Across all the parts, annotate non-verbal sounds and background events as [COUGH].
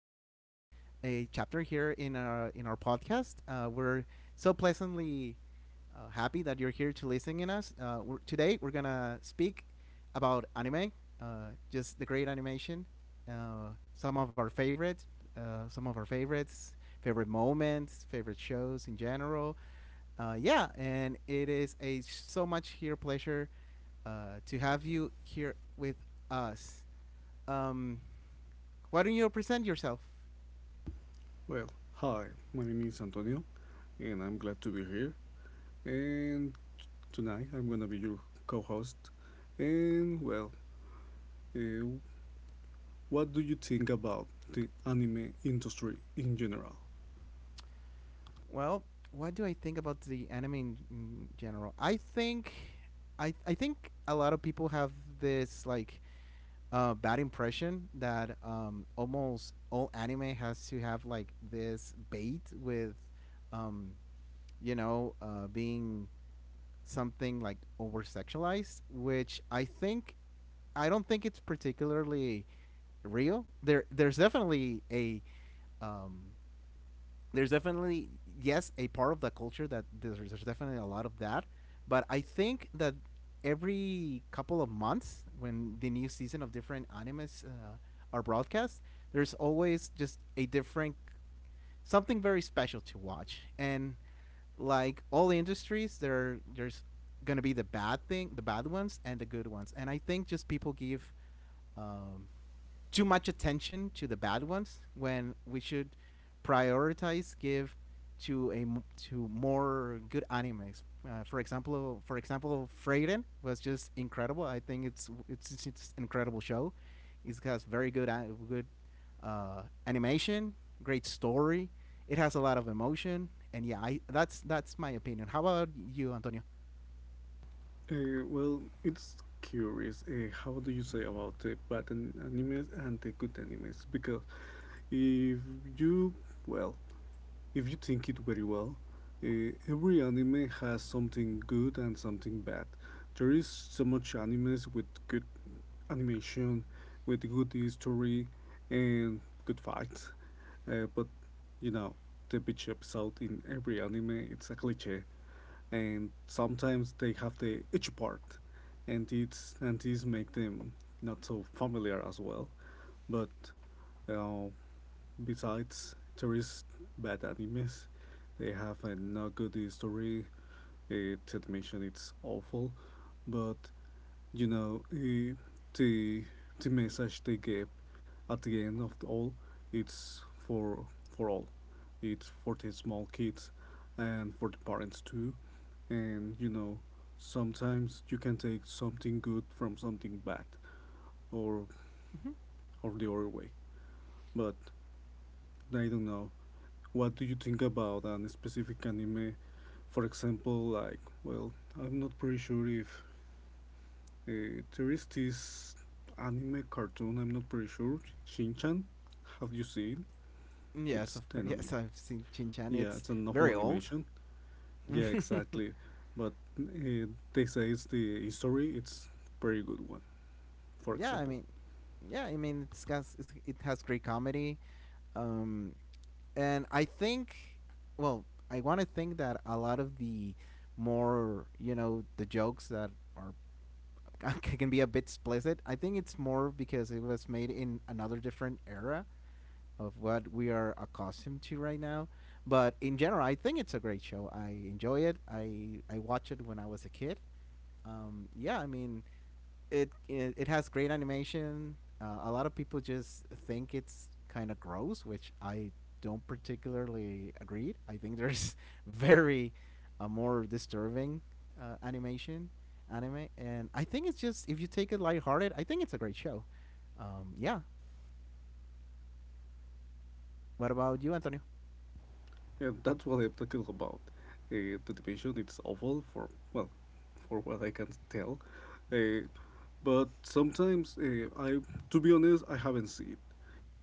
new a chapter here in our podcast. We're so pleasantly happy that you're here to listen in us. Today we're gonna speak about anime, just the great animation, some of our favorites, favorite moments, favorite shows in general. Yeah, and it is a so much here pleasure to have you here with us. Um, why don't you present yourself? Well, hi, my name is Antonio, and I'm glad to be here. And tonight I'm gonna be your co host. And, well, uh, what do you think about the anime industry in general? Well, what do I think about the anime in general? I think a lot of people have this like bad impression that almost all anime has to have like this bait with, um, being something like over sexualized, I don't think it's particularly real. There's definitely a um, there's definitely yes a part of the culture that there's definitely a lot of that, but I think that every couple of months when the new season of different animes are broadcast, there's always just a different something very special to watch, and like all industries there's gonna be the bad thing, the bad ones and the good ones. And I think just people give um, too much attention to the bad ones when we should prioritize give to to more good animes. For example, Freiden was just incredible. I think it's incredible show. It has very good good animation, great story. It has a lot of emotion, and yeah, I that's my opinion. How about you, Antonio? Well, it's curious. How do you say about the animes and the good animes? Because if you, well, if you think it very well, every anime has something good and something bad. There is so much animes with good animation, with good history, and good fights. But you know, the bitch episode in every anime it's a cliche, and sometimes they have the itchy part, and it's and these make them not so familiar as well. But uh, Besides tourist bad animes, they have a not good history. Its animation it's awful, but you know, the the message they gave at the end of the all it's for all. It's for the small kids and for the parents too. And you know sometimes you can take something good from something bad or Hmm. or the other way. But I don't know. What do you think about a specific anime? For example, like, well, I'm not pretty sure if there is this anime cartoon, I'm not pretty sure, Shinchan. Have you seen? Yes, It's of course. [LAUGHS] an, Yes, I've seen Chin Chan. yeah, It's it's a novel very old. animation. [LAUGHS] Yeah, exactly. But they say it's the history, it's very good one, for Yeah, I example. mean, yeah, I mean, it has great comedy, um, and I think, well, I want to think that a lot of the more you know the jokes that are [LAUGHS] can be a bit explicit. I think it's more because it was made in another different era of what we are accustomed to right now. But in general, I think it's a great show. I enjoy it. I watched it when I was a kid. Yeah, I mean, it has great animation. A lot of people just think it's kind of gross, which I don't particularly agree. I think there's [LAUGHS] very more disturbing animation anime, and I think it's just if you take it lighthearted, I think it's a great show. Yeah. What about you, Antonio? And that's what I'm talking about. The animation is awful for well, for what I can tell. Uh, but sometimes, to be honest, I haven't seen it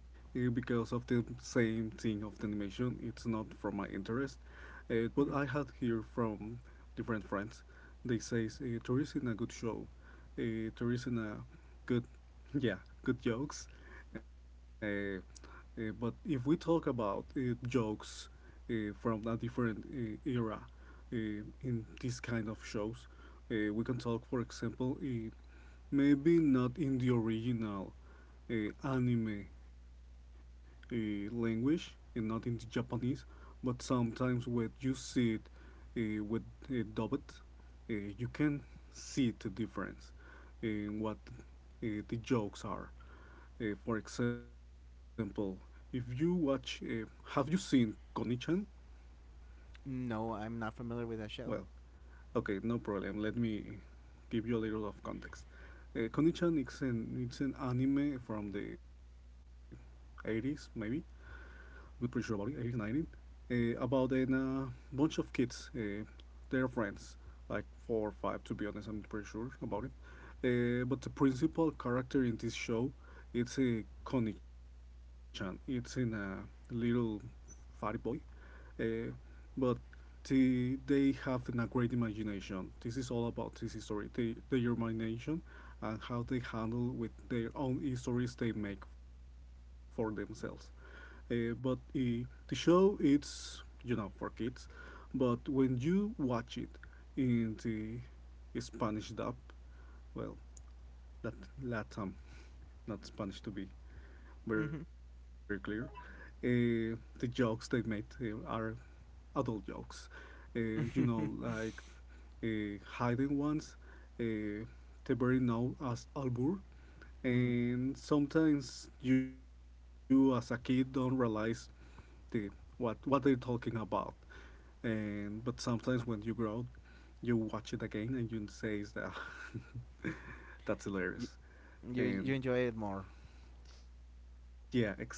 because of the same thing of the animation. It's not from my interest. But Mm-hmm. I had hear from different friends. They say there isn't a good show. There isn't a good [LAUGHS] Yeah, good jokes. Uh, but if we talk about jokes from a different era in these kind of shows, we can talk, for example, maybe not in the original anime uh, language and not in the Japanese, but sometimes when you see it with dubbed, uh, you can see the difference in what the jokes are. For example, if you watch, have you seen Konichan? No, I'm not familiar with that Well, show. okay, no problem. Let me give you a little of context. Konichan is an, it's an anime from the 80s, maybe. I'm not pretty sure about it, 80s, 90s. About a bunch of kids. They friends, like 4 or 5, to be honest. I'm pretty sure about it. But the principal character in this show, it's a Konichan. It's in a little fatty boy uh, but they have a great imagination. This is all about this history, the imagination, and how they handle with their own histories they make for themselves. But the show it's you know for kids, but when you watch it in the Spanish dub, well, that Latam, not Spanish to be very Mm-hmm. clear. Uh, the jokes they made are adult jokes. Uh, you know, [LAUGHS] like hiding ones, uh, they very known as Albur. Mm-hmm. And sometimes you, as a kid, don't realize the what they're talking about. And but sometimes when you grow, up, you watch it again and you say that [LAUGHS] that's You, hilarious. You And enjoy it more. yeah, exactly.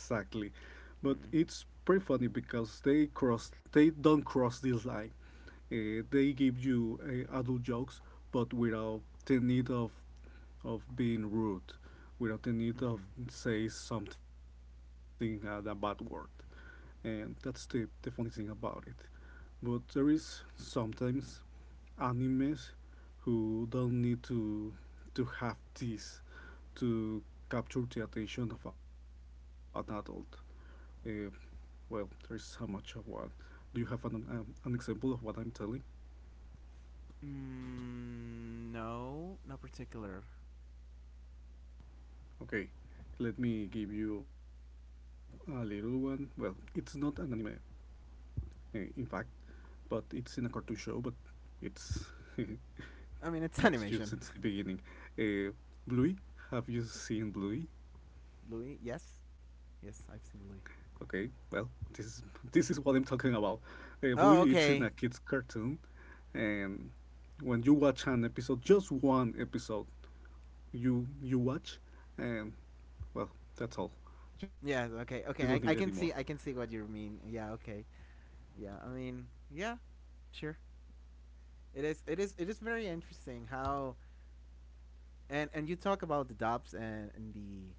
But it's pretty funny because they don't cross this line. They give you adult jokes, but without the need of being rude, without the need Mm-hmm. of say something a bad word, and that's the funny thing about it. But there is sometimes animes who don't need to have this to capture the attention of an adult. Uh, well, there is so much of what. Do you have an example of what I'm telling? Mm, no, not particular. Okay, let me give you a little one. Well, it's not an anime, in fact, but it's in a cartoon show, but it's [LAUGHS] I mean, catch you it's since the animation. beginning. Uh, Bluey, have you seen Bluey? [LAUGHS] Louis, yes, yes, Okay, I've seen well, Louis. this [LAUGHS] is, this is what I'm talking about. Bluey, it's in Oh, a kids' okay. cartoon, and when you watch an episode, just one episode, you watch, and well, that's all. You don't need Yeah, any more. okay, okay. I can see what you mean. Yeah, okay. Yeah, I mean, yeah, sure. It is very interesting how and you talk about the dubs and and the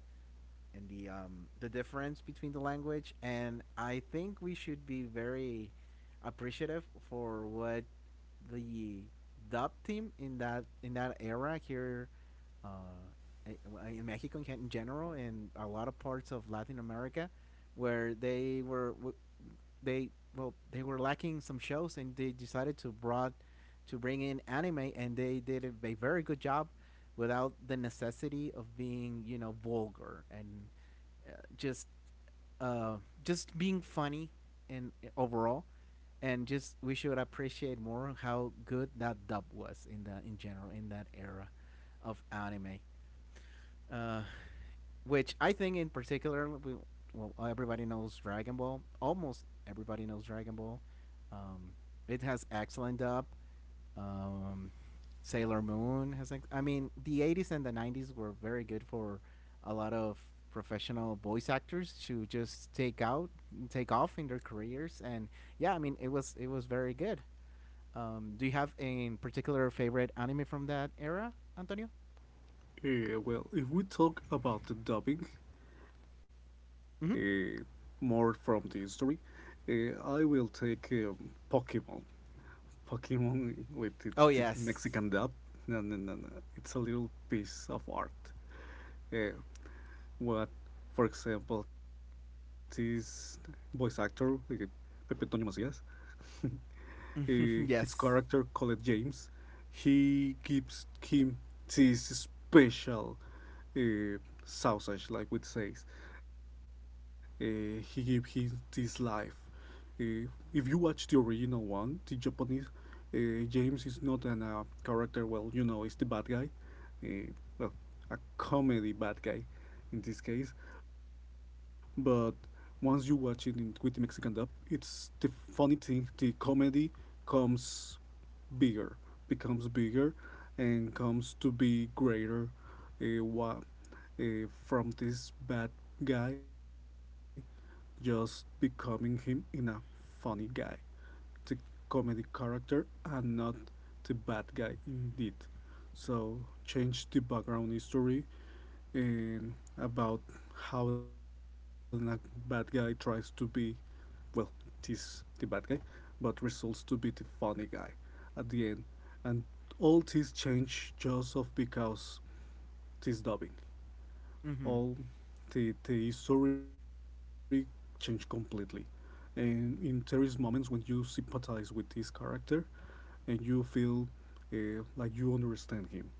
and the um the difference between the language, and I think we should be very appreciative for what the dub team in that era here uh, in Mexico in general, and a lot of parts of Latin America where they were they well, they were lacking some shows, and they decided to brought to bring in anime, and they did a very good job without the necessity of being you know vulgar, and uh, just uh, just being funny and overall, and just we should appreciate more how good that dub was in the in general in that era of anime, uh, which I think in particular, we, well, everybody knows Dragon Ball. Almost everybody knows Dragon Ball. Um, it has excellent dub. Um, Sailor Moon has, I mean, the eighties and the nineties were very good for a lot of professional voice actors to just take out, take off in their careers, and yeah, I mean, it was very good. Do you have a particular favorite anime from that era, Antonio? Well, if we talk about the dubbing, uh, Hmm. more from the history, I will take Pokemon. Pokemon with the Oh Mexican yes. dub. No, no, no, no. It's a little piece of art. Uh, what, for example, this voice actor, Pepe Toño Macías, [LAUGHS] his [LAUGHS] Yes. character called James, he gives him this special uh, sausage, like we say. He gave him this life. Uh, if you watch the original one, the Japanese James is not an character. Well, you know, he's the bad guy, uh, well, a comedy bad guy in this case. But once you watch it in, with the Mexican dub, it's the funny thing. The comedy comes bigger, becomes bigger, and comes to be greater. Uh, wa- from this bad guy, just becoming him in a funny guy the comedy character and not the bad guy indeed. So change the background history and about how the bad guy tries to be well, he's the bad guy, but results to be the funny guy at the end. And all this change just of because this dubbing. Hmm. All the history changed completely. And in there is moments when you sympathize with this character and you feel like you understand him.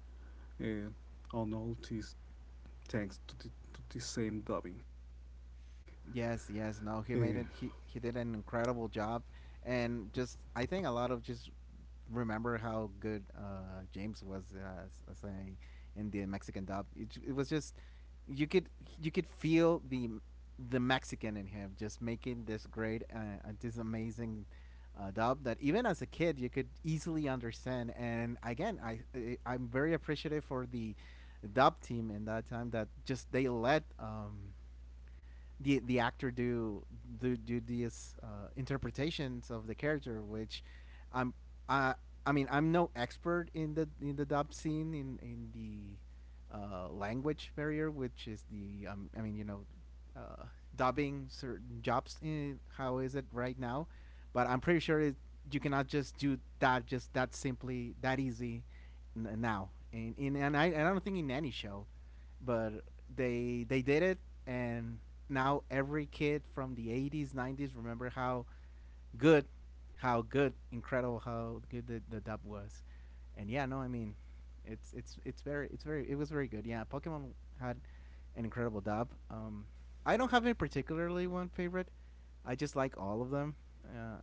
Uh, on all this, thanks to to the same dubbing. Uh, Yes, yes, no, he made it. He did an incredible job, and just I think a lot of just remember how good James was as a in the Mexican dub. It was just you could you could feel the Mexican in him, just making this great this amazing dub that even as a kid you could easily understand. And again, I'm very appreciative for the dub team in that time that just they let. The actor do these interpretations of the character, which I'm I I mean I'm no expert in the dub scene in the language barrier, which is the I mean you know uh, dubbing certain jobs. In, how is it right now? But I'm pretty sure it, you cannot just do that just that simply that easy now. And I don't think in any show, but they did it, and now every kid from the '80s, '90s remember good, how good, incredible, how good the dub was, and yeah, no, I mean, it's very it was very good. Yeah, Pokemon had an incredible dub. I don't have any particularly one favorite. I just like all of them. Uh,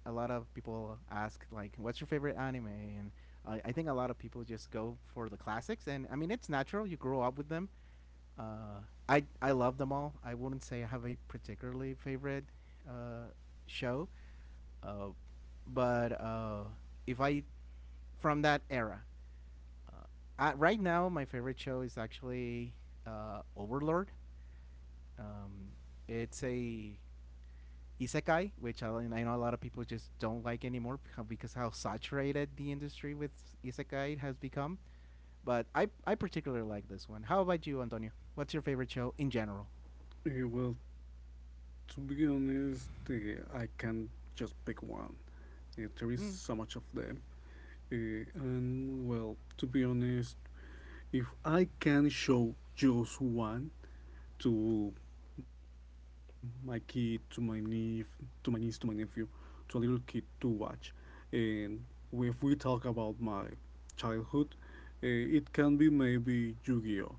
a lot of people ask like, "What's your favorite anime?" And I think a lot of people just go for the classics, and I mean, it's natural. You grow up with them, uh, I love them all. I wouldn't say I have a particularly favorite uh, show, uh, but if I from that era, uh, right now my favorite show is actually Overlord. Um, it's a isekai, which I know a lot of people just don't like anymore because how saturated the industry with isekai has become. But I particularly like this one. How about you, Antonio? What's your favorite show in general? Well, to be honest, I can just pick one. There is so much of Mm. them. Uh, and well, to be honest, if I can show just one, to my kid, to my niece, to my nephew, to a little kid to watch. And if we talk about my childhood, uh, it can be maybe Yu-Gi-Oh.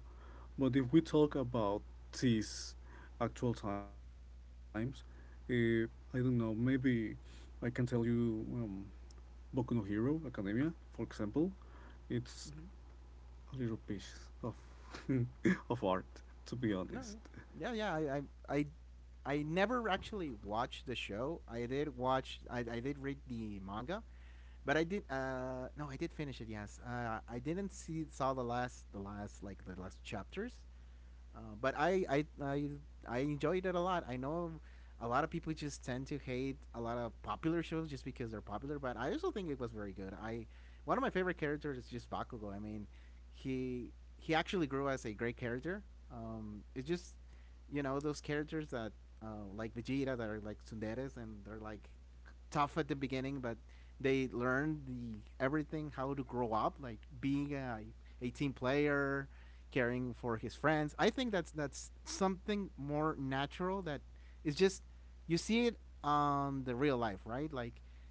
But if we talk about these actual times, uh, I don't know. Maybe I can tell you Boku no Hero Academia, for example. It's Hmm. a little piece of [LAUGHS] of art, to be No, honest. yeah, yeah. yeah, I, I, I, I never actually watched the show. I did read the manga, but I did. No, I did finish it. Yes, I didn't see saw the last chapters. But I enjoyed it a lot. I know a lot of people just tend to hate a lot of popular shows just because they're popular, but I also think it was very good. I One of my favorite characters is just Bakugo. I mean, he he actually grew as a great character. It's just you know those characters that like Vegeta that are like tsunderes, and they're like tough at the beginning, but they learn the everything how to grow up, like being a team player, caring for his friends. I think that's something more natural that is just you see it on the real life, right? Like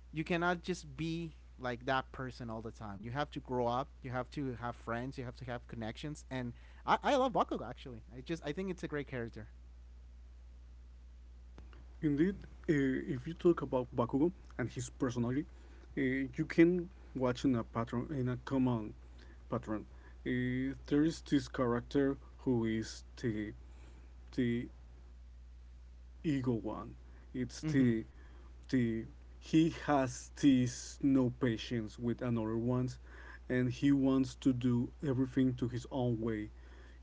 you cannot just be like that person all the time. You have to grow up. You have to have friends. You have to have connections. And I love Bakugo actually. I think it's a great character. Indeed, if you talk about Bakugo and his personality, you can watch in a pattern, in a common pattern. There is this character who is the ego one. It's Mm-hmm. the he has this no patience with another ones and he wants to do everything to his own way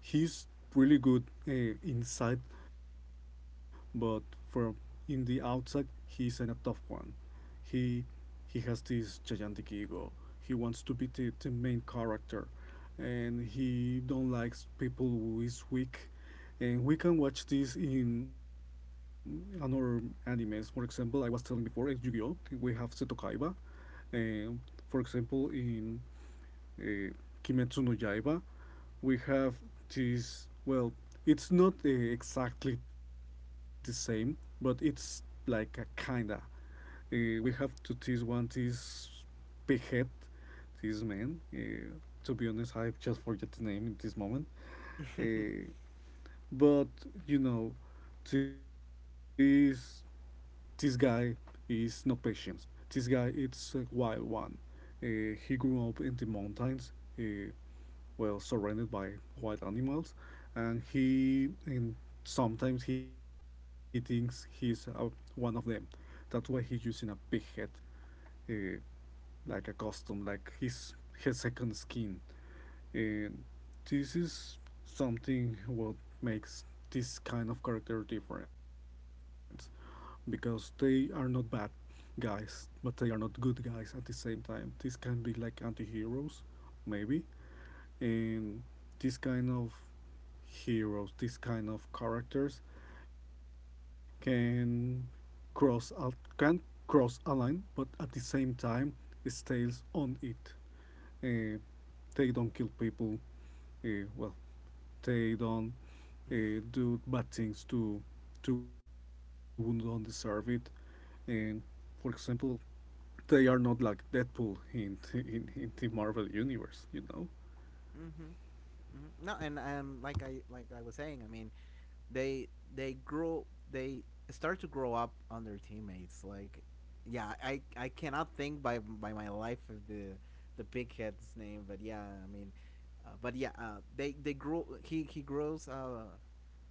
he's really good inside but from in the outside he's an, a tough one he he has this gigantic ego he wants to be the main character and he don't likes people who is weak and we can watch this in another animes. For example, I was telling before, in Yu-Gi-Oh! We have Seto Kaiba. And for example, in uh, Kimetsu no Yaiba, we have this, well, it's not exactly the same, but it's like a kinda. We have to this one, this big head, this man. To be honest, I just forget the name in this moment. [LAUGHS] Mm-hmm. Uh, but you know, this this guy is not patient. This guy is a wild one. He grew up in the mountains, uh, well surrounded by wild animals, and sometimes he thinks he's one of them. That's why he's using a big head, uh, like a costume, like his second skin. And this is something what makes this kind of character different because they are not bad guys, but they are not good guys at the same time. These can be like anti heroes, maybe, and this kind of heroes, this kind of characters can cross al- can cross a line, but at the same time stays on it. Uh, they don't kill people. Well, they don't do bad things to who don't deserve it. And for example, they are not like Deadpool in in the Marvel universe, you know. Mm-hmm. No, and I was saying, I mean, they they grow they start to grow up on their teammates. Like, yeah, I cannot think by my life of the big head's name, but yeah, I mean, but yeah, they grow. He grows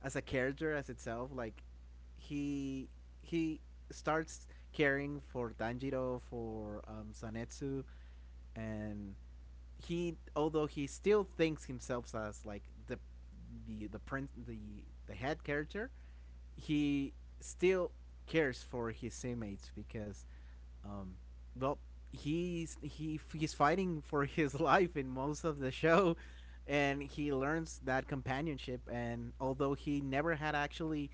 as a character as itself. Like, he he starts caring for Tanjiro, for Sanetsu, and he although he still thinks himself as like the print the head character, he still cares for his teammates because um, well, he's fighting for [LAUGHS] his life in most of the show, and he learns that companionship. And although he never had actually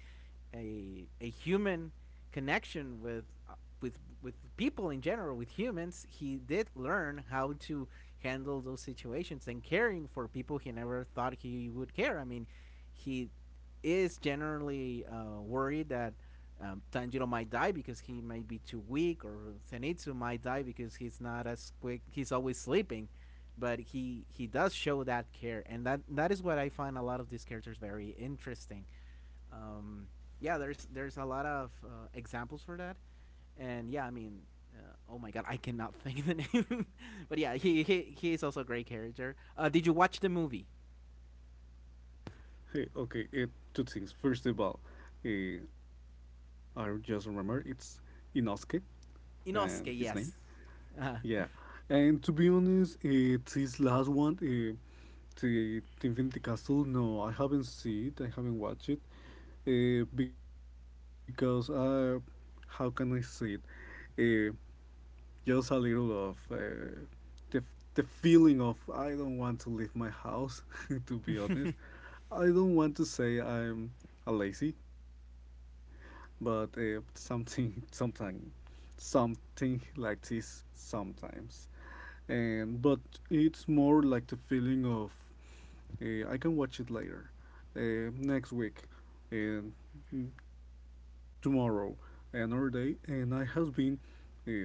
a human connection with with people in general, with humans, he did learn how to handle those situations and caring for people he never thought he would care. I mean, he is generally worried that Tanjiro might die because he may be too weak, or Zenitsu might die because he's not as quick. He's always sleeping, but he does show that care, and that is what I find a lot of these characters very interesting. Um, yeah, there's a lot of examples for that, and yeah, I mean, oh my god, I cannot [LAUGHS] think of the name, [LAUGHS] but yeah, he is also a great character. Did you watch the movie Hey, okay, two things. First of all, I just remember it's Inosuke and his name. Inosuke? Yes. Yeah, Uh, [LAUGHS] and to be honest, this last one, the Infinity Castle. No, I haven't seen it. I haven't watched it because how can I say it? Uh, just a little of the feeling of I don't want to leave my house. [LAUGHS] To be honest, I don't want to say I'm a lazy, but something [LAUGHS] sometime something like this sometimes. And but it's more like the feeling of I can watch it later, next week, and mm, tomorrow, another day. And I has been well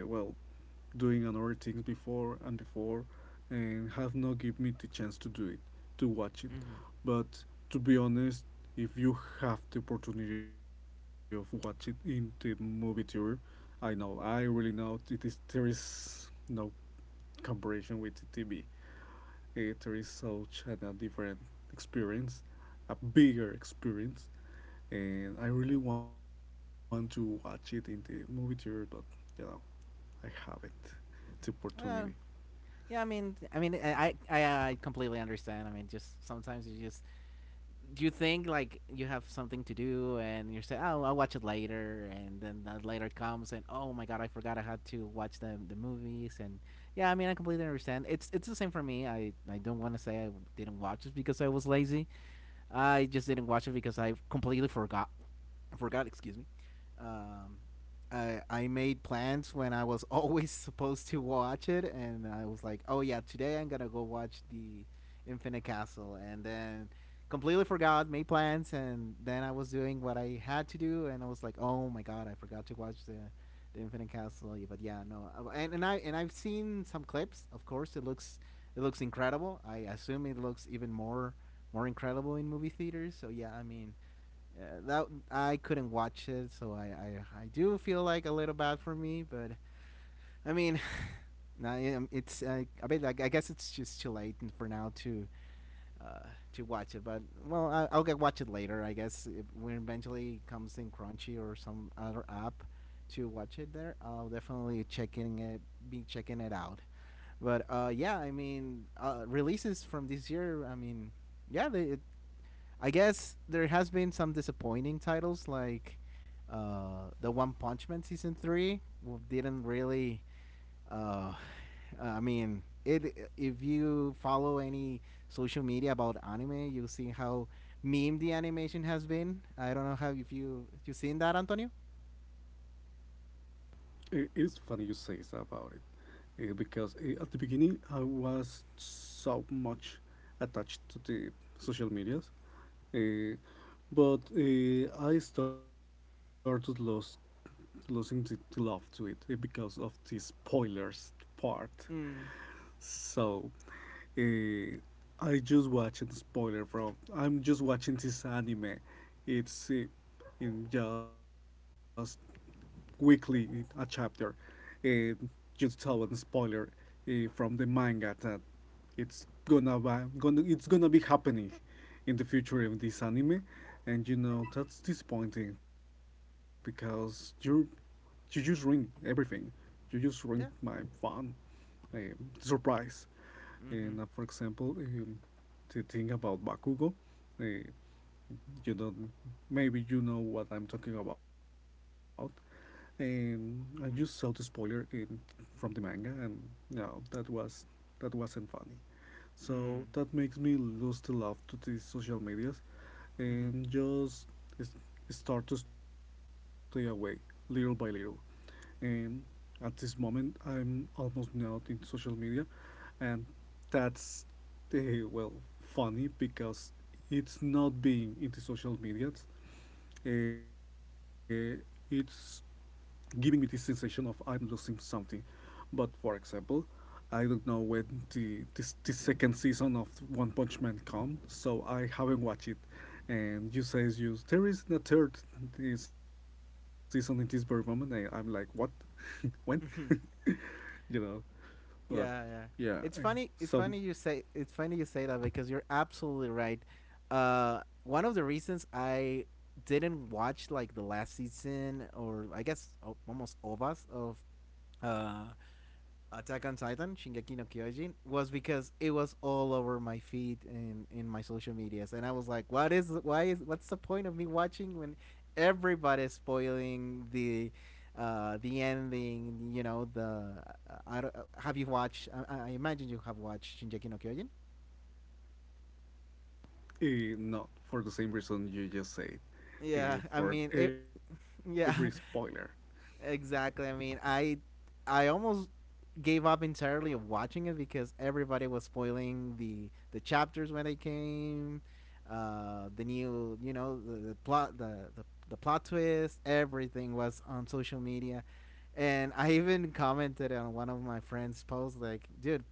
doing another things before and before and have not give me the chance to do it to watch it. Mm-hmm. But to be honest, if you have the opportunity of watch it in the movie theater, I really know it is there is no comparison with the TV. There is such a different experience, a bigger experience, and I really want to watch it in the movie theater, but you know I haven't the opportunity. Well, yeah, I mean, I mean, I completely understand. I mean, just sometimes you just do you think like you have something to do and you say, "Oh, I'll watch it later," and then that later comes and oh my god, I forgot I had to watch the movies and yeah, I mean, I completely understand. It's the same for me. I don't want to say I didn't watch it because I was lazy. I just didn't watch it because I completely forgot, excuse me. Um, I made plans when I was [LAUGHS] always supposed to watch it, and I was like, oh yeah, today I'm gonna go watch the Infinite Castle, and then completely forgot, made plans, and then I was doing what I had to do, and I was like, oh my god, I forgot to watch the Infinite Castle. Yeah. But yeah, no, and I've seen some clips. Of course, it looks incredible. I assume it looks even more incredible in movie theaters. So yeah, I mean, that I couldn't watch it, so I do feel like a little bad for me, but I mean, [LAUGHS] nah, yeah, it's I bet like, I guess it's just too late for now uh, to watch it, but well I'll get watch it later, I guess if, when eventually it comes in Crunchy or some other app to watch it there. I'll definitely checking it be checking it out. But yeah, I mean releases from this year. I mean yeah, I guess there has been some disappointing titles like the One Punch Man season three didn't really. Uh, I mean, it. If you follow any social media about anime, you'll see how meme the animation has been. I don't know how if you seen that, Antonio. It is funny you say so about it because at the beginning I was so much attached to the social medias, uh, but I started losing the love to it because of the spoilers part. Mm. So uh, I just watching the spoiler from. I'm just watching this anime. It's in just weekly a chapter. And just tell one spoiler from the manga that it's gonna be happening in the future of this anime, and that's disappointing because you just ruined everything. You just ruined Yeah. my fun um, surprise. And Mm-hmm. For example, the thing about Bakugo, uh, you don't, maybe you know what I'm talking about. And I just saw the Mm-hmm. spoiler from the manga, and no, that wasn't funny. So Mm. that makes me lose the love to these social medias, and just s- start to stay away little by little. Um, at this moment, I'm almost not in social media, and that's uh, well funny because it's not being into social media. Uh, it's giving me this sensation of I'm losing something. But for example, I don't know when the second season of One Punch Man come, so I haven't watched it. And you say you there is a third season in this very moment. And I'm like, what? When, Mm-hmm. [LAUGHS] you know, but Yeah, yeah. yeah. It's funny. Some. It's funny you say. It's funny you say that because you're absolutely right. One of the reasons I didn't watch like the last season or I guess almost all of uh Attack on Titan, Shingeki no Kyojin, was because it was all over my feed and in my social medias, and I was like, "What is? Why is? What's the point of me watching when everybody's spoiling the ending? You know, the I don't, have you watched? I imagine you have watched Shingeki no Kyojin. Not for the same reason you just said. Yeah, I For mean it. every spoiler. Yeah, exactly. I mean, I almost gave up entirely of watching it because everybody was spoiling the chapters when they came, the new you know the plot twist. Everything was on social media, and I even commented on one of my friends' posts like, "Dude,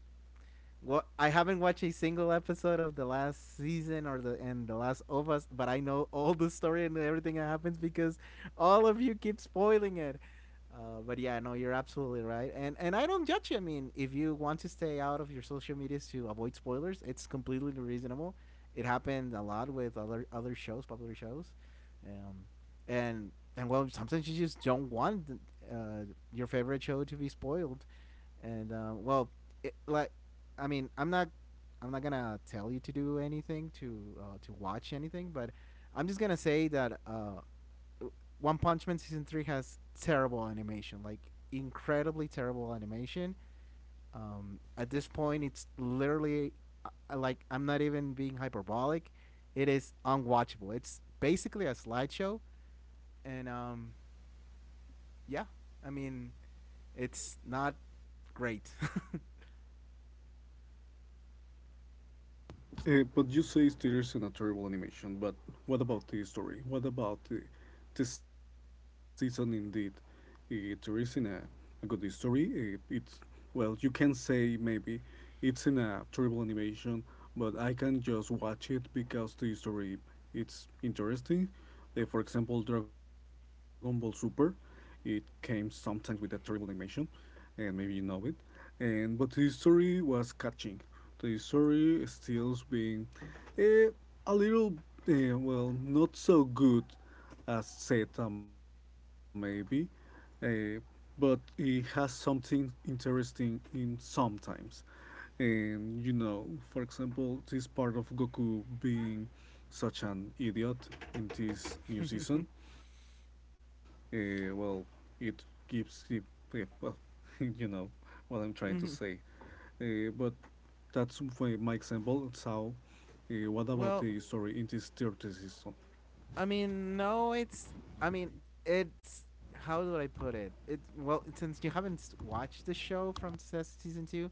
what I haven't watched a single episode of the last season or the and the last of us, but I know all the story and everything that happens because all of you keep spoiling it. But yeah, no, you're absolutely right, and I don't judge you. I mean, if you want to stay out of your social medias to avoid spoilers, it's completely reasonable. It happened a lot with other shows, popular shows, um, and well, sometimes you just don't want uh, your favorite show to be spoiled, and well, it, like I mean, I'm not gonna tell you to do anything to watch anything, but I'm just gonna say that One Punch Man season three has terrible animation, like incredibly terrible animation. At this point, it's literally like I'm not even being hyperbolic. It is unwatchable. It's basically a slideshow, and yeah, I mean, it's not great. [LAUGHS] But you say Steelers in a terrible animation, but what about the story, what about the season? Indeed, there isn't a good story. It's well, you can say maybe it's in a terrible animation, but I can just watch it because the story it's interesting. For example, Dragon Ball Super, it came sometimes with a terrible animation, and maybe you know it. And but the story was catching. The story stills being eh, a little, well, not so good as Zeta maybe, uh, but it has something interesting in sometimes. And for example, this part of Goku being such an idiot in this new season, well, it gives him, uh, well, [LAUGHS] you know what I'm trying to Mhm. say. But that's for my example. So, what about Well, the story in this third season? I mean, no, it's. I mean, it's. How would I put it? Well, since you haven't watched the show from season two,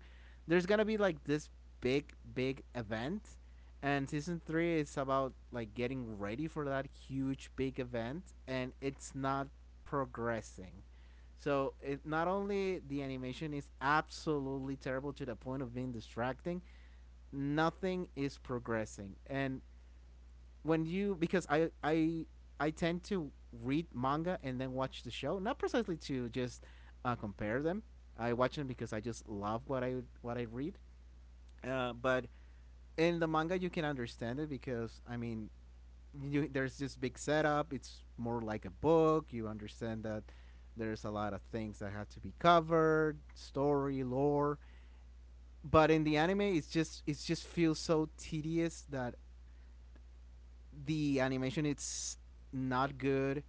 there's gonna be like this big, big event, and season three is about like getting ready for that huge, big event, and it's not progressing. So it not only the animation is absolutely terrible to the point of being distracting, nothing is progressing, and when you because I tend to read manga and then watch the show, not precisely to just compare them. I watch them because I just love what I read. But in the manga, you can understand it because I mean, there's this big setup. It's more like a book. You understand that there's a lot of things that have to be covered, story, lore. But in the anime, it just feels so tedious that the animation it's not good.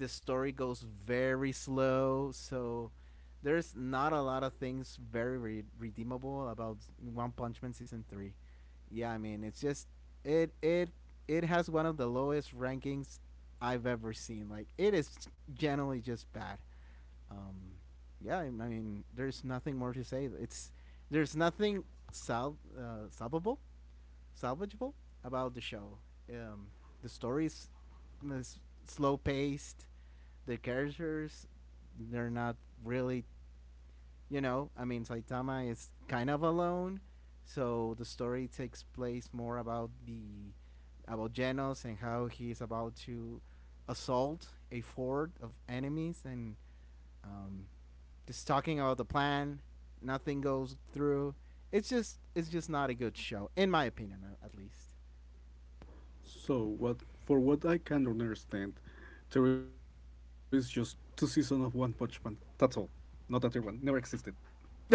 The story goes very slow, so there's not a lot of things very redeemable about One Punch Man season 3. Yeah, I mean, it's just it it it has one of the lowest rankings I've ever seen. Like it is generally just bad. Um yeah, I mean, there's nothing more to say. It's there's nothing sal- salvable salvageable about the show. Um, the story is slow paced. The characters, they're not really, you know, I mean, Saitama is kind of alone, so the story takes place more about the about Genos and how he is about to assault a fort of enemies and um, just talking about the plan. Nothing goes through. It's just not a good show, in my opinion, at least. So, what for what I can understand, there is just two seasons of One Punch Man. That's all. Not that there one never existed. Yeah. [LAUGHS]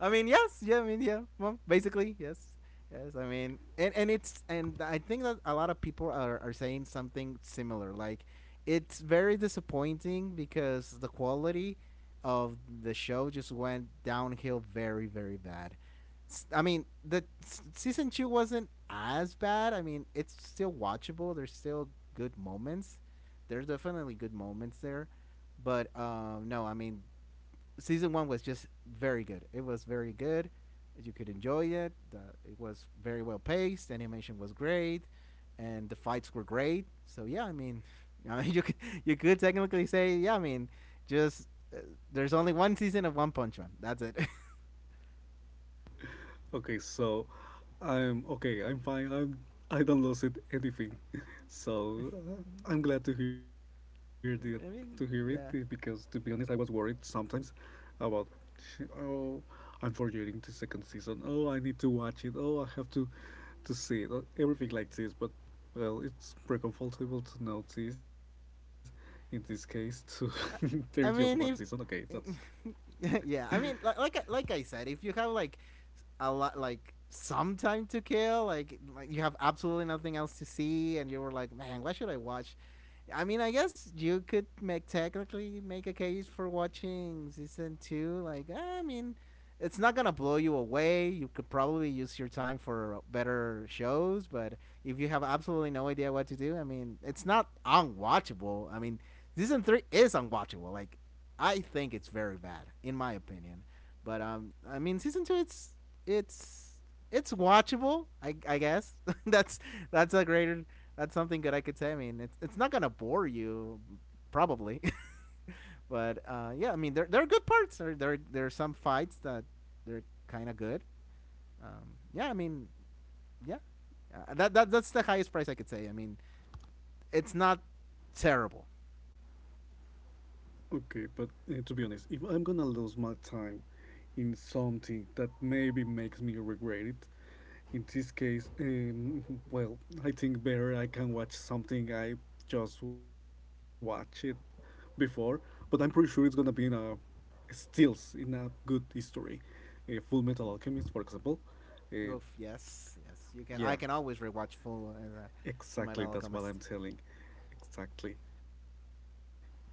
I mean, yes, yeah, I mean, yeah, well, basically, yes, yes. I mean, and I think that a lot of people are saying something similar. Like, it's very disappointing because the quality of the show just went downhill very very bad. I mean, the season two wasn't as bad. I mean, it's still watchable. There's still good moments. There's definitely good moments there, but no, I mean season one was just very good. It was very good. You could enjoy it. The, it was very well paced. Animation was great, and the fights were great. So yeah, I mean, [LAUGHS] I mean, you could technically say yeah. I mean, just there's only one season of One Punch Man. That's it. [LAUGHS] Okay, so I'm okay. I'm fine. I don't lose it anything. [LAUGHS] So I uh, I'm glad to hear the to hear it mean, because to be yeah. honest, I was worried sometimes about oh, I'm forgetting the second season. Oh, I need to watch it. Oh, I have to see it. Everything like this, but well, it's pretty comfortable to notice in this case. To [LAUGHS] there is just I, one season. I Okay, mean, if that's. [LAUGHS] yeah, I mean, like I said, if you have like a lot like some time to kill, like you have absolutely nothing else to see, and you're like, man, why should I watch? I mean, I guess you could make technically make a case for watching season two. Like, I mean, it's not gonna blow you away. You could probably use your time for better shows, but if you have absolutely no idea what to do, I mean, it's not unwatchable. I mean, Season three is unwatchable. Like I think it's very bad, in my opinion. But I mean, season two, it's it's watchable. I guess [LAUGHS] that's that's a greater that's something good I could say. I mean, it's not gonna bore you, probably. [LAUGHS] but yeah, I mean, there are good parts. There are some fights that they're kind of good. Yeah, I mean, yeah, that's the highest price I could say. I mean, it's not terrible. Okay, but to be honest, if I'm gonna lose my time in something that maybe makes me regret it, in this case, well, I think better I can watch something I just watch it before, but I'm pretty sure it's gonna be in a stills in a good history, Full Metal Alchemist, for example. Uh, Oof, yes, yes. You can. yeah, I can always rewatch Full Full exactly, Metal that's what Alchemist. I'm telling. Exactly. You know that feeling.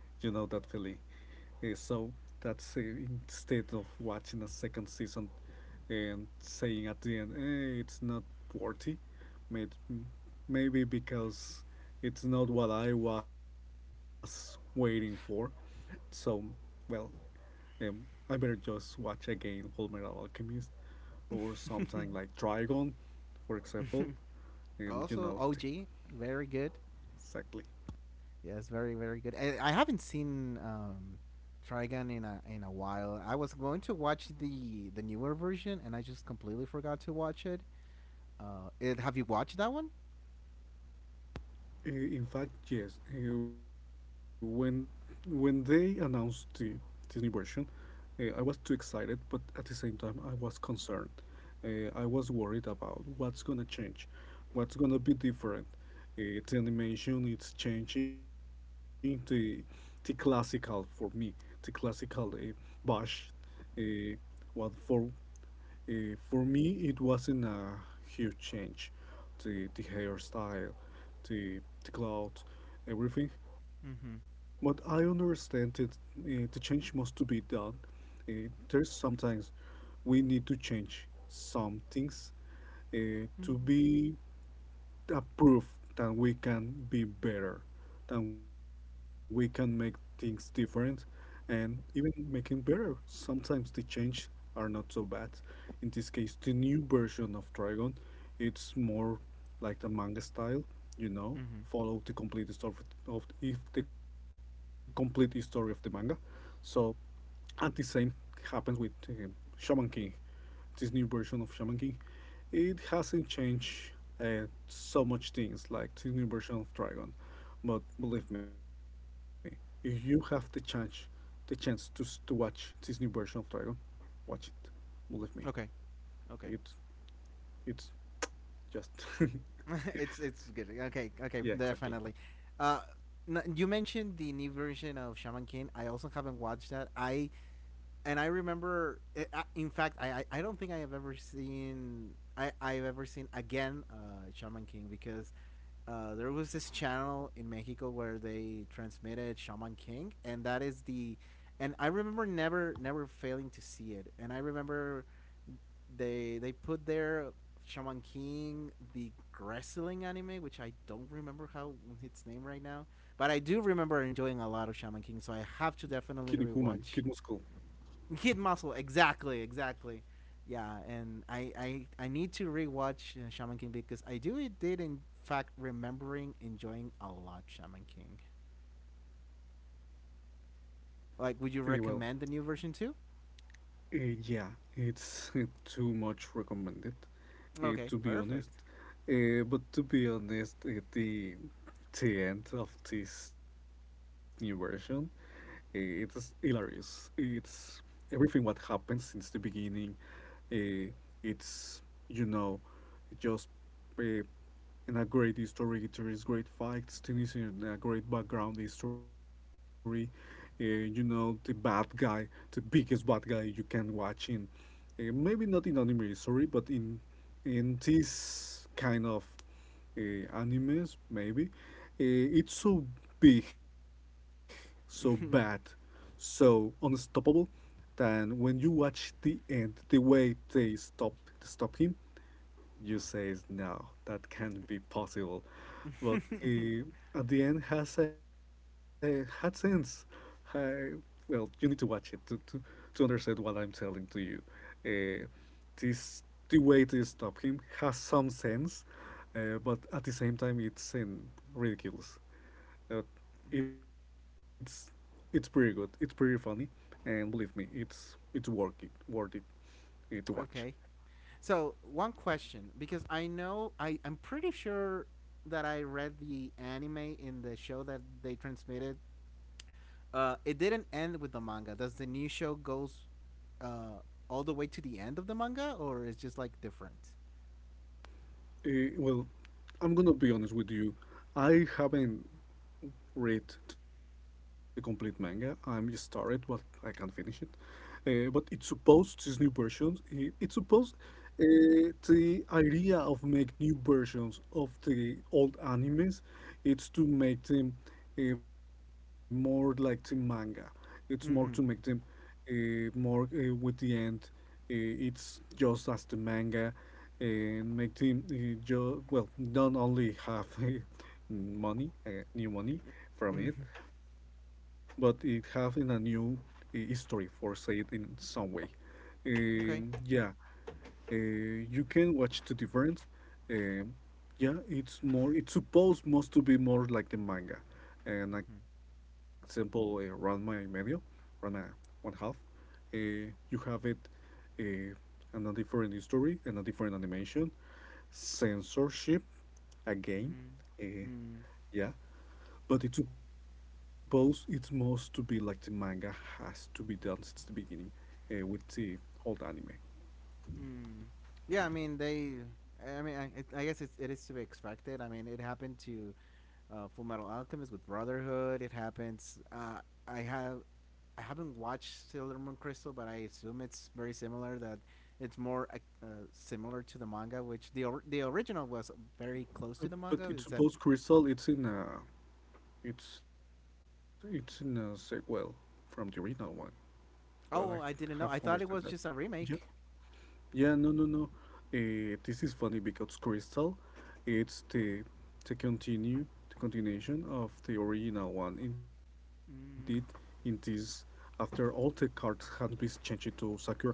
So that's instead of watching a second season and saying at the end, it's not worthy, made, maybe because it's not what I was waiting for. So, well, um, I better just watch again Full Metal Alchemist or something like Dragon, for example. Um, you Also, know, t- OG, very good. exactly. Yes, very very good. I haven't seen Trigun in a while. I was going to watch the newer version, and I just completely forgot to watch it. Have you watched that one? In fact, yes. When they announced this new version, I was too excited, but at the same time, I was concerned. I was worried about what's gonna change, what's gonna be different. The animation it's changing. The classical for me, the classical bash. Uh, what for me, it wasn't a huge change. The hairstyle, the clothes, everything. But I Mm-hmm. understand that the change must to be done. There's sometimes we need to change some things Mm-hmm. to be a proof that we can be better, that we can make things different, and even making better. Sometimes the change are not so bad. In this case, the new version of Dragon, it's more like the manga style, Mm-hmm. follow the complete story of if the complete story of the manga. So and the same happens with Shaman King, this new version of Shaman King. It hasn't changed so much things like this new version of Dragon, but believe me, if you have the chance to watch this new version of Dragon, watch it. Believe me, Okay. Okay. it it's just [LAUGHS] [LAUGHS] It's good. Okay, okay, yeah, exactly. definitely. Uh, you mentioned the new version of Shaman King. I also haven't watched that. I and I remember, in fact, I don't think I've ever seen again Shaman King because there was this channel in Mexico where they transmitted Shaman King, and that is the and I remember never failing to see it, and I remember they put their Shaman King the wrestling anime, which I don't remember how its name right now, but I do remember enjoying a lot of Shaman King, so Kid I have to Kuman, Kid definitely Muscle. rewatch Kid Muscle, exactly, exactly. Yeah, and I need to rewatch Shaman King because I do it did in fact remembering enjoying a lot Shaman King. Eh, well, Like, would you recommend the new version too? Uh, yeah, it's [LAUGHS] too much recommended, to Okay, be honest. perfect. But to be honest, the end of this new version, it's hilarious. It's everything what happened since the beginning. Uh, it's you know, just uh, and a great history. It great facts. Tennessee and a great background history. Uh, you know the bad guy, the biggest bad guy you can watch maybe not in anime history, but in this kind of uh, animes maybe. It's so big, so bad, so unstoppable. Then when you watch the end, the way they stop him, you says no, that can't be possible. But uh, at the end has a had sense. I, well, you need to watch it to understand what I'm telling to you. Uh, this the way to stop him has some sense, but at the same time it's in ridiculous. Uh, it's it's pretty good. It's pretty funny, and believe me, it's worth it. Worth it to [LAUGHS] watch. Okay, so one question because I know I'm pretty sure that I read the anime in the show that they transmitted. It didn't end with the manga. Does the new show goes uh, all the way to the end of the manga, or is just like different? Well, I'm gonna be honest with you. I haven't read the complete manga. I'm started, but I can't finish it. But it's supposed this new versions. It's supposed the idea of make new versions of the old animes. It's to make them more like the manga. It's more to make them Mm-hmm. More with the end. It's just as the manga and make them well, not only have [LAUGHS] money, new money, from it, Mm-hmm. but it have in a new history for say it in some way. Okay. Yeah, you can watch the difference. Um, yeah, it's more. It's supposed most to be more like the manga. An Mm-hmm. example, Ranma and Medio, Ranma One Half. You have it uh, and a different history and a different animation, censorship again. Uh, Mm. yeah, but it suppose it must to be like the manga has to be done since the beginning with the old anime. Mm. Yeah, I mean they. I mean, I guess it is to be expected. I mean, it happened to Full Metal Alchemist with Brotherhood. It happens. I have I haven't watched Sailor Moon Crystal, but I assume it's very similar. That it's more similar to the manga, which the original was very close to the But manga. it It's a suppose Crystal it's in a sequel from the original one. Well, I have Oh, I didn't understand know. that. I thought it was just a Yeah. remake. Yeah, no, no, no. This is funny because Crystal, it's the continuation of the original one. Indeed, in this, Mm. after all the cards had been changed to secure cards,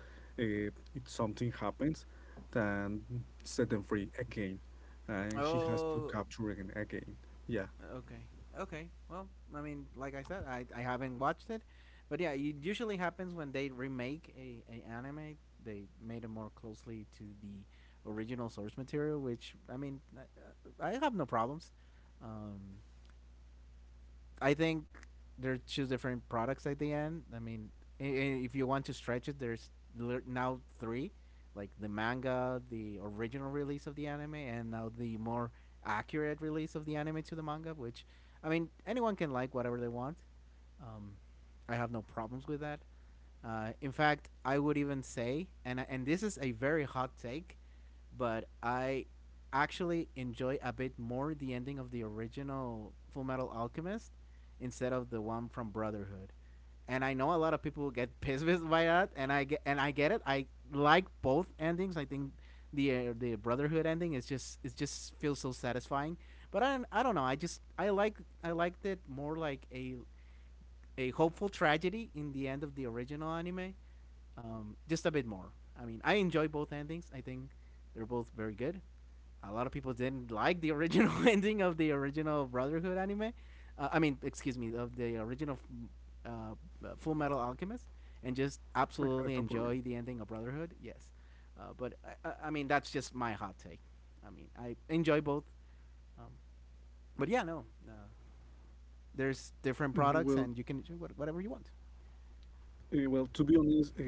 uh, if something happens, then set them free again, and she has to Oh, capture again. Yeah, okay. Okay. Well, I mean, like I said, I haven't watched it, but yeah, it usually happens when they remake a anime. They made it more closely to the original source material, which I mean, I have no problems. Um, I think there are two different products at the end. I mean, if you want to stretch it, there's now three, like the manga, the original release of the anime, and now the more accurate release of the anime to the manga. Which, I mean, anyone can like whatever they want. Um, I have no problems with that. In fact, I would even say, and this is a very hot take, but I actually enjoy a bit more the ending of the original Full Metal Alchemist instead of the one from Brotherhood. And I know a lot of people get [LAUGHS] pissed by that, and I get it. I like both endings. I think the Brotherhood ending is just it just feels so satisfying. But I don't know. I liked it more like a hopeful tragedy in the end of the original anime. Just a bit more. I mean, I enjoy both endings. I think they're both very good. A lot of people didn't like the original [LAUGHS] ending of the original Brotherhood anime. I mean, excuse me, of the original uh, Full Metal Alchemist, and I just had no problem. absolutely enjoy the ending of Brotherhood. Yes, but I mean that's just my hot take. I mean, I enjoy both. Um, but yeah, no, Uh, Well, there's different products, and you can enjoy whatever you want. well, to be honest,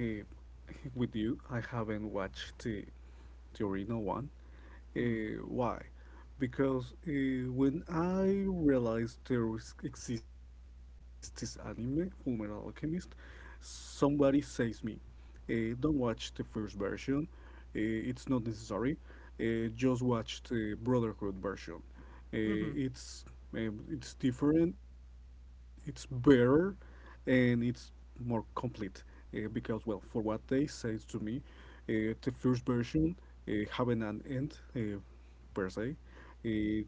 with you, I haven't watched the original one. Mm. Why? Because when I realized exists this anime, Fullmetal Alchemist, somebody says me, don't watch the first version. It's not necessary. Just watch the Brotherhood version. Mm-hmm. Uh, it's it's different. It's better, and it's more complete. Because well, for what they say to me, the first version having an end per se. It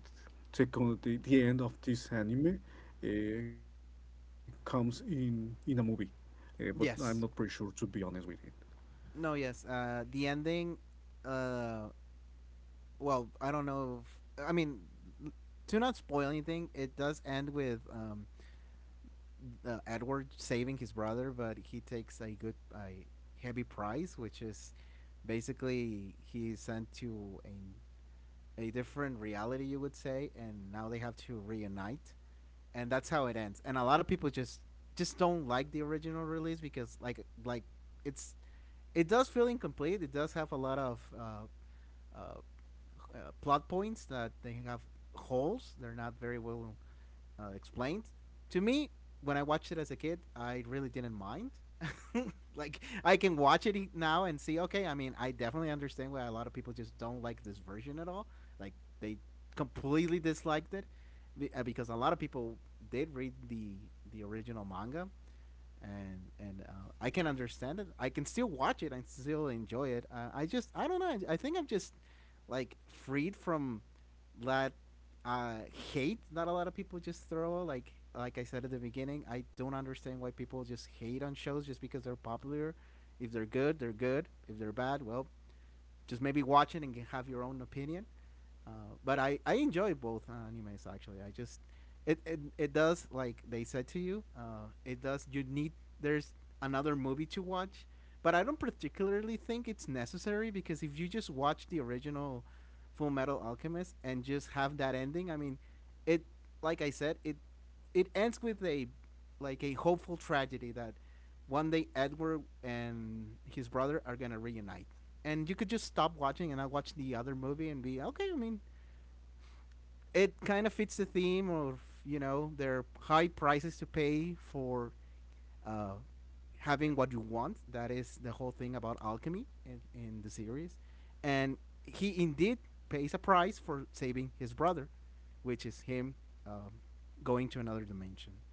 the, con- the end of this anime comes in a movie, but I'm not pretty sure Yes. to be honest with you. No, yes. The ending, uh, well, I don't know if, I mean, to not spoil anything, it does end with Edward saving his brother, but he takes a heavy prize, which is basically he's sent to a different reality, you would say, and now they have to reunite, and that's how it ends. And a lot of people just don't like the original release because it's it does feel incomplete. It does have a lot of plot points that they have holes. They're not very well explained. To me, when I watched it as a kid, I really didn't mind. [LAUGHS] Like I can watch it now and see. Okay, I mean, I definitely understand why a lot of people just don't like this version at all. Like they completely disliked it, because a lot of people did read the original manga, and I can understand it. I can still watch it. I still enjoy it. I don't know. I think I'm just like freed from that uh, hate that a lot of people just throw. Like I said at the beginning, I don't understand why people just hate on shows just because they're popular. If they're good, they're good. If they're bad, well, just maybe watch it and have your own opinion. But I enjoy both animes actually. I just It does like they said to you. It does you need there's another movie to watch, but I don't particularly think it's necessary because if you just watch the original Full Metal Alchemist and just have that ending, I mean, it like I said, it ends with a like a hopeful tragedy that one day Edward and his brother are gonna reunite. And you could just stop watching and I watch the other movie and be okay. I mean, it kind of fits the theme of their high prices to pay for uh, having what you want. That is the whole thing about alchemy in the series. And he indeed pays a price for saving his brother, which is him um, going to another dimension.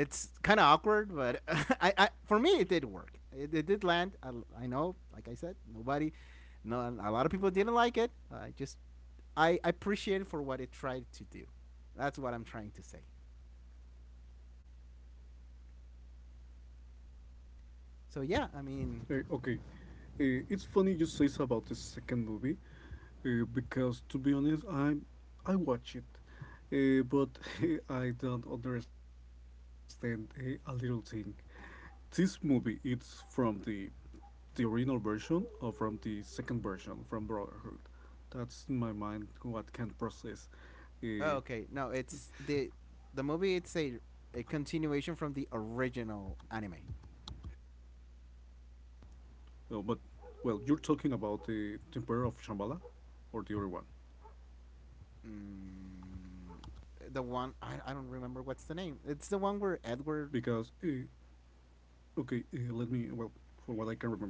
It's kind of awkward, but [LAUGHS] for me, it did work. It did land. I know, like I said, nobody, no, a lot of people didn't like it. I I appreciate it for what it tried to do. That's what I'm trying to say. So yeah, I Okay, mean, it's funny you say it's about the second movie because to be honest, I watch it, but [LAUGHS] I don't understand a little thing. This movie it's from the original version or from the second version from Brotherhood. That's in my mind what can process. oh, Uh, okay. No, it's the movie. It's a continuation from the original anime. oh, but well, you're talking about the Emperor of Shambhala or the other one, Mm, the one I don't remember what's the name. It's the one because where Edward. okay, let me, well, for what I can remember.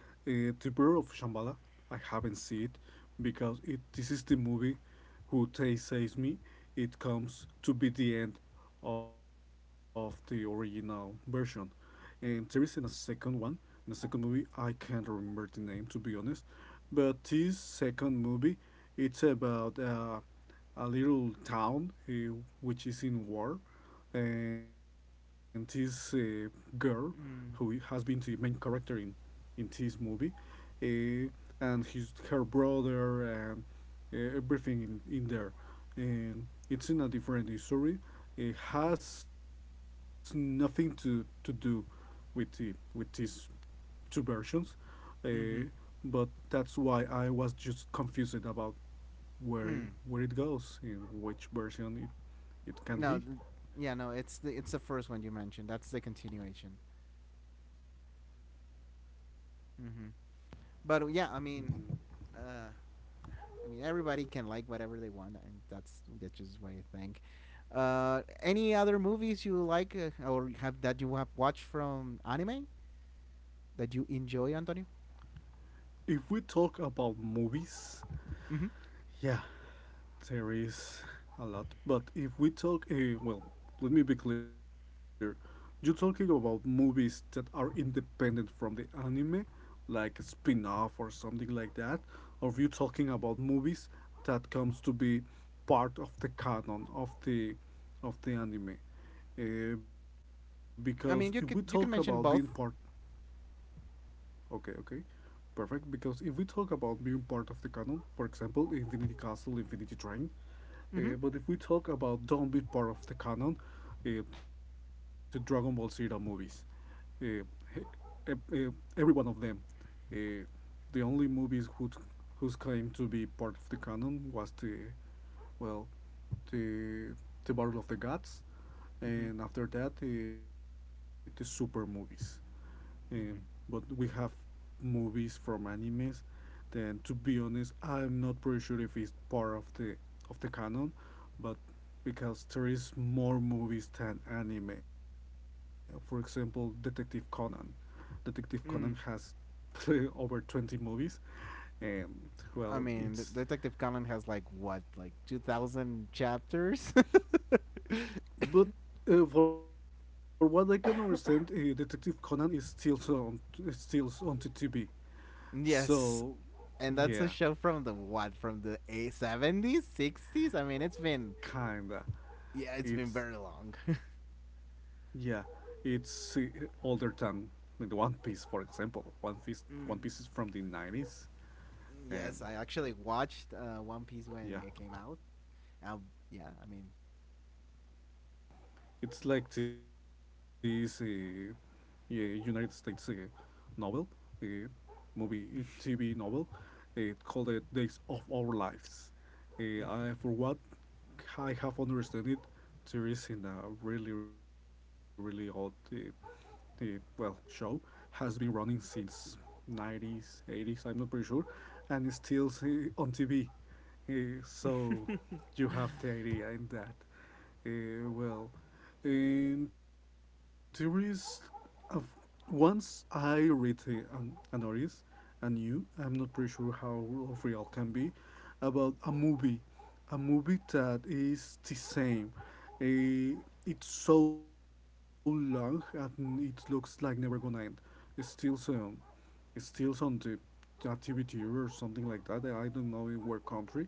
The Prayer of Shambhala, I haven't seen it, because it this is the movie who Tay saves me. It comes to be the end of the original version, and there is in a second one. In a second movie, I can't remember the name, to be honest, but this second movie, it's about a little town which is in war, and this girl who has Mm, been the main character in this movie, uh, and his her brother, and everything in there. And it's in a different history. It has nothing to do with the with these two versions, uh, mm-hmm. but that's why I was just confused about Mm. where it goes, in which version it, it can No, be. Yeah, no. It's the first one you mentioned. That's the continuation. Mm-hmm. But yeah, I mean, uh, everybody can like whatever they want, and that's just what I think. Any other movies you like or have that you have watched from anime that you enjoy, Antonio? If we talk about movies, Mm-hmm. yeah, there is a lot. But if we talk, well, let me be clear. You're talking about movies that are independent from the anime, like a spin-off or something like that, or you talking about movies that comes to be part of the canon of the anime. Because if we talk I about mean, being part, you can mention both. okay, okay, perfect. Because if we talk about being part of the canon, for example, Infinity Castle, Infinity Train, Mm-hmm. but if we talk about downbeat part of the canon, the Dragon Ball Z movies, uh, he- e, uh, every one of them, uh, the only movies whose claim to be part of the canon was the well the the Battle of the Gods, Mm-hmm. and after that the super movies. um, but Mm-hmm. we have movies from animes. Then to be honest, I'm not pretty sure if it's part of the canon, but because there is more movies than anime. For example, Detective Conan. Detective Conan has Mm. [LAUGHS] over 20 movies, and well, I mean, the it's Detective Conan has like what, like 2,000 chapters. but for what I can understand, Detective Conan is still so on, is still on the TV. [LAUGHS] So, Yes, and yeah. that's a show from the what, from the a 70s, 60s. I mean, it's been. Kinda. Yeah, it's been It's very long. [LAUGHS] yeah. It's older than the One Piece, for example. One Piece. One Piece is Mm, from the 90s, and yes, I actually watched One Piece yeah, when it came out. Um, yeah, I mean, it's like this yeah, United States novel, uh, movie, TV novel. It called it Days of Our Lives. For what I have understood it, there is in a really really old the well show has been running since 90s 80s, I'm not pretty sure, and it's still on TV. So [LAUGHS] you have the idea in that. Well, in theories of, once I read a notice, and you I'm not pretty sure how real can be, about a movie, a movie that is the same. Eh, it's so long and it looks like never gonna end. It's still um, it's still on the TVT or something like that. I don't know in what country,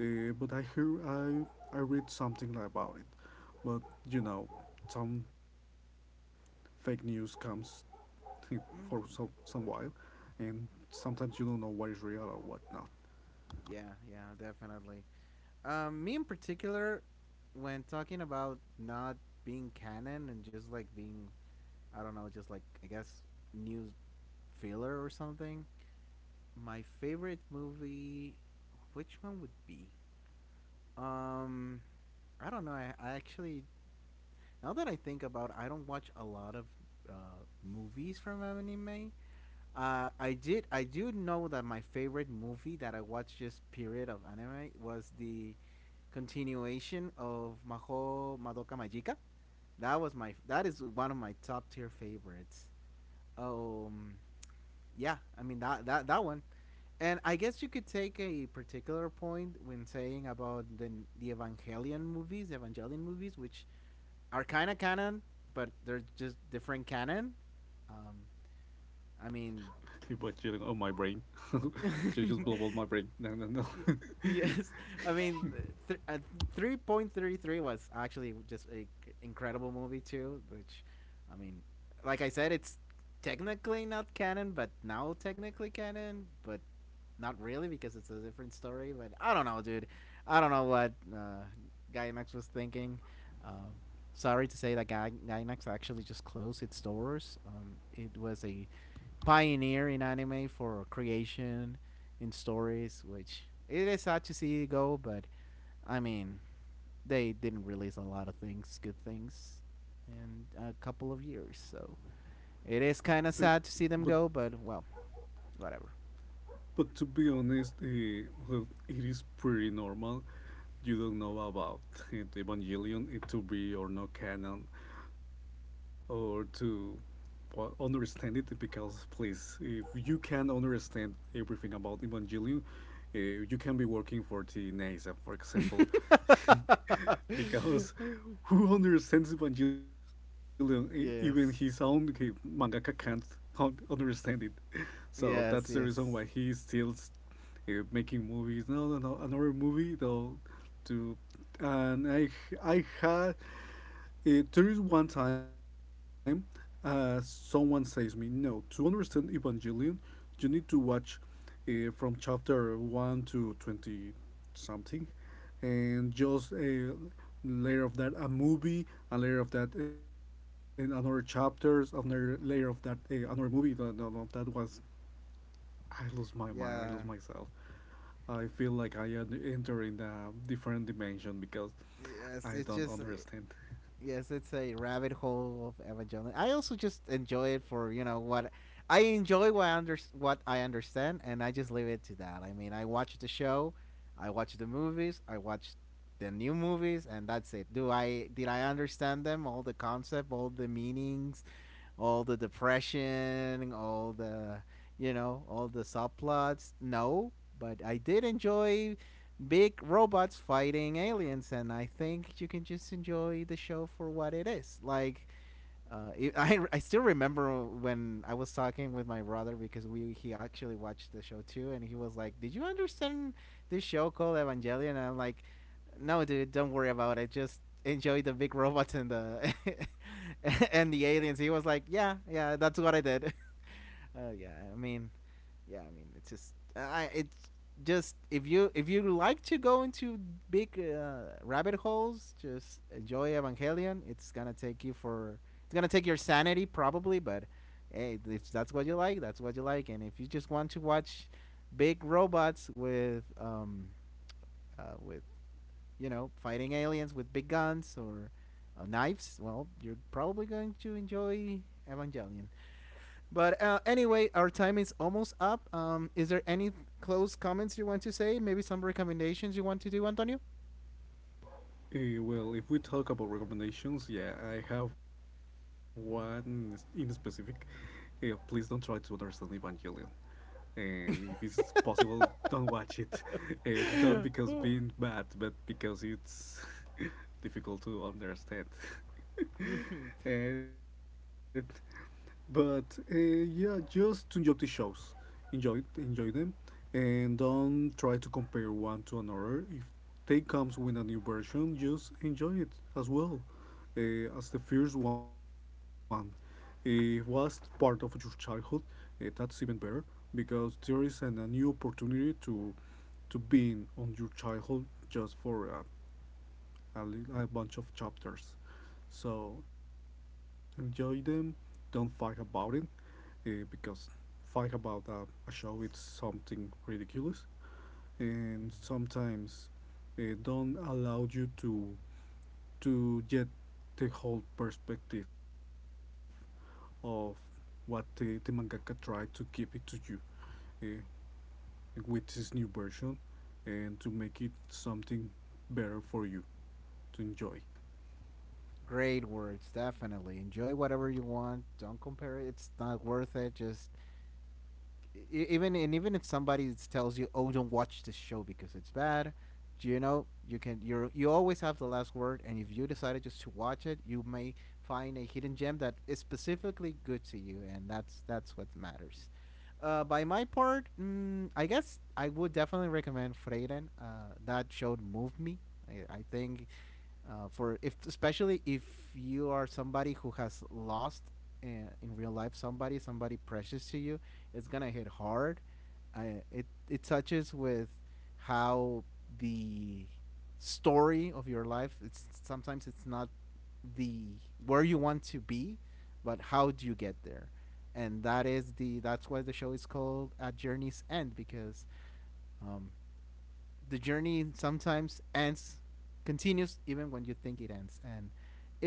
but I hear I read something about it. But you know, some fake news comes [LAUGHS] for so some while, and sometimes you don't know what is real or what not. yeah, yeah, definitely. Me in particular, when talking about not being canon and just like being, I don't know, just like I guess news filler or something. My favorite movie, which one would be? Um, I don't know. I actually Now that I think about it, I don't watch a lot of movies from anime. I did. I do know that my favorite movie that I watched just period of anime was the continuation of Maho Madoka Magica. That was my. That is one of my top tier favorites. Um, yeah. I mean that one. And I guess you could take a particular point when saying about the Evangelion movies, which are kind of canon, but they're just different canon. Um, I mean, But you, oh my brain, [LAUGHS] you [LAUGHS] just blow y- all my brain. No, no, no. [LAUGHS] yes, I mean, th- uh, 3.33 was actually just a incredible movie too, which, I mean, like I said, it's technically not canon, but now technically canon, but not really because it's a different story. But I don't know, dude. I don't know what Gainax was thinking. Um, Sorry to say that Gainax actually just closed its doors. It was a pioneer in anime for creation in stories, which it is sad to see go. But I mean, they didn't release a lot of things, good things, in a couple of years. So Uh, it is but kind of sad to see them go. But well, whatever. but to be honest, well, it is pretty normal. You don't know about it, Evangelion, it to be or no canon, or to well, understand it. Because please, if you can understand everything about Evangelion, you can be working for the NASA, for example. [LAUGHS] Because [LAUGHS] who understands Evangelion? Even his own Yes. mangaka can't understand it. So that's the reason Yes, why he is yes. still making movies. No, no, no, another movie though. To and I had it, there is one time someone says me, no, to understand Evangelion, you need to watch from chapter 1 to 20 something, and just a layer of that, a movie, a layer of that, and another chapters, another layer of that, another movie. No, no, no, that was, I lose my mind, I lose Yeah. myself. I feel like I am entering a different dimension because Yes, I it's don't just understand. yes, it's a rabbit hole of Evangelion. I also just enjoy it for, you know, what I enjoy, what I understand, and I just leave it to that. I mean, I watch the show, I watch the movies, I watch the new movies, and that's it. Do I Did I understand them, all the concept, all the meanings, all the depression, all the subplots. No, but I did enjoy big robots fighting aliens, and I think you can just enjoy the show for what it is. Like [LAUGHS] I still remember when I was talking with my brother because we he actually watched the show too, and he was like, "Did you understand this show called Evangelion?" And I'm like, "No, dude, don't worry about it. Just enjoy the big [LAUGHS] robots and the [LAUGHS] and the aliens." He was like, "Yeah, yeah, that's what I did." [LAUGHS] Yeah, I mean, it's just I it's just if you like to go into big rabbit holes, just enjoy Evangelion. It's gonna take your sanity probably, but hey, if that's what you like, that's what you like. And if you just want to watch big robots with uh, with fighting aliens with big guns or knives, well, you're probably going to enjoy Evangelion. But anyway, our time is almost up. Is there any close comments you want to say? Maybe some recommendations you want to do, Antonio? Well, if we talk about recommendations, yeah, I have one in specific. Please don't try to understand Evangelion. And if it's possible, don't watch it. [LAUGHS] Don't because being [LAUGHS] bad, but because it's [LAUGHS] difficult to understand. [LAUGHS] and but Yeah, just to enjoy the shows, enjoy them, and don't try to compare one to another. If they comes with a new version, just enjoy it as well as the first one. It was part of your childhood. That's even better, because there is a new opportunity to being on your childhood just for a a bunch of chapters. So enjoy them. Don't fight about it, because fight about a show it's something ridiculous, and sometimes it don't allow you to get the whole perspective of what the mangaka tried to give it to you uh, with this new version, and to make it something better for you to enjoy. Great words, definitely. Enjoy whatever you want. Don't compare it. It's not worth it. Just even if somebody tells you, "Oh, don't watch this show because it's bad," do you know you can, you're, you always have the last word. And if you decided just to watch it, you may find a hidden gem that is specifically good to you, and that's what matters. By my part, I guess I would definitely recommend Freyden. That show moved me. I think for if especially if you are somebody who has lost uh, in real life somebody precious to you. It's gonna hit hard. I, it touches with how the story of your life, it's sometimes it's not the where you want to be, but how do you get there. And that's why the show is called at journey's end, because um, the journey sometimes ends continues even when you think it ends. And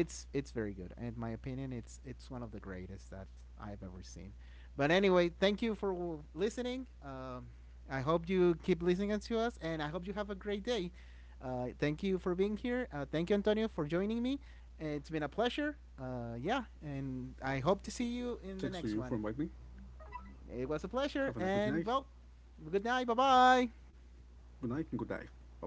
it's very good, and in my opinion, it's one of the greatest that I've ever seen. But anyway, thank you for listening. I hope you keep listening to us, and I hope you have a great day. Thank you for being here. Thank you, Antonio, for joining me. It's been a pleasure. Yeah, and I Thanks to hope you to for see inviting you me. in the next one. Have a It nice was a good night, pleasure and well, good night, bye bye. good night, and good night. Bye bye.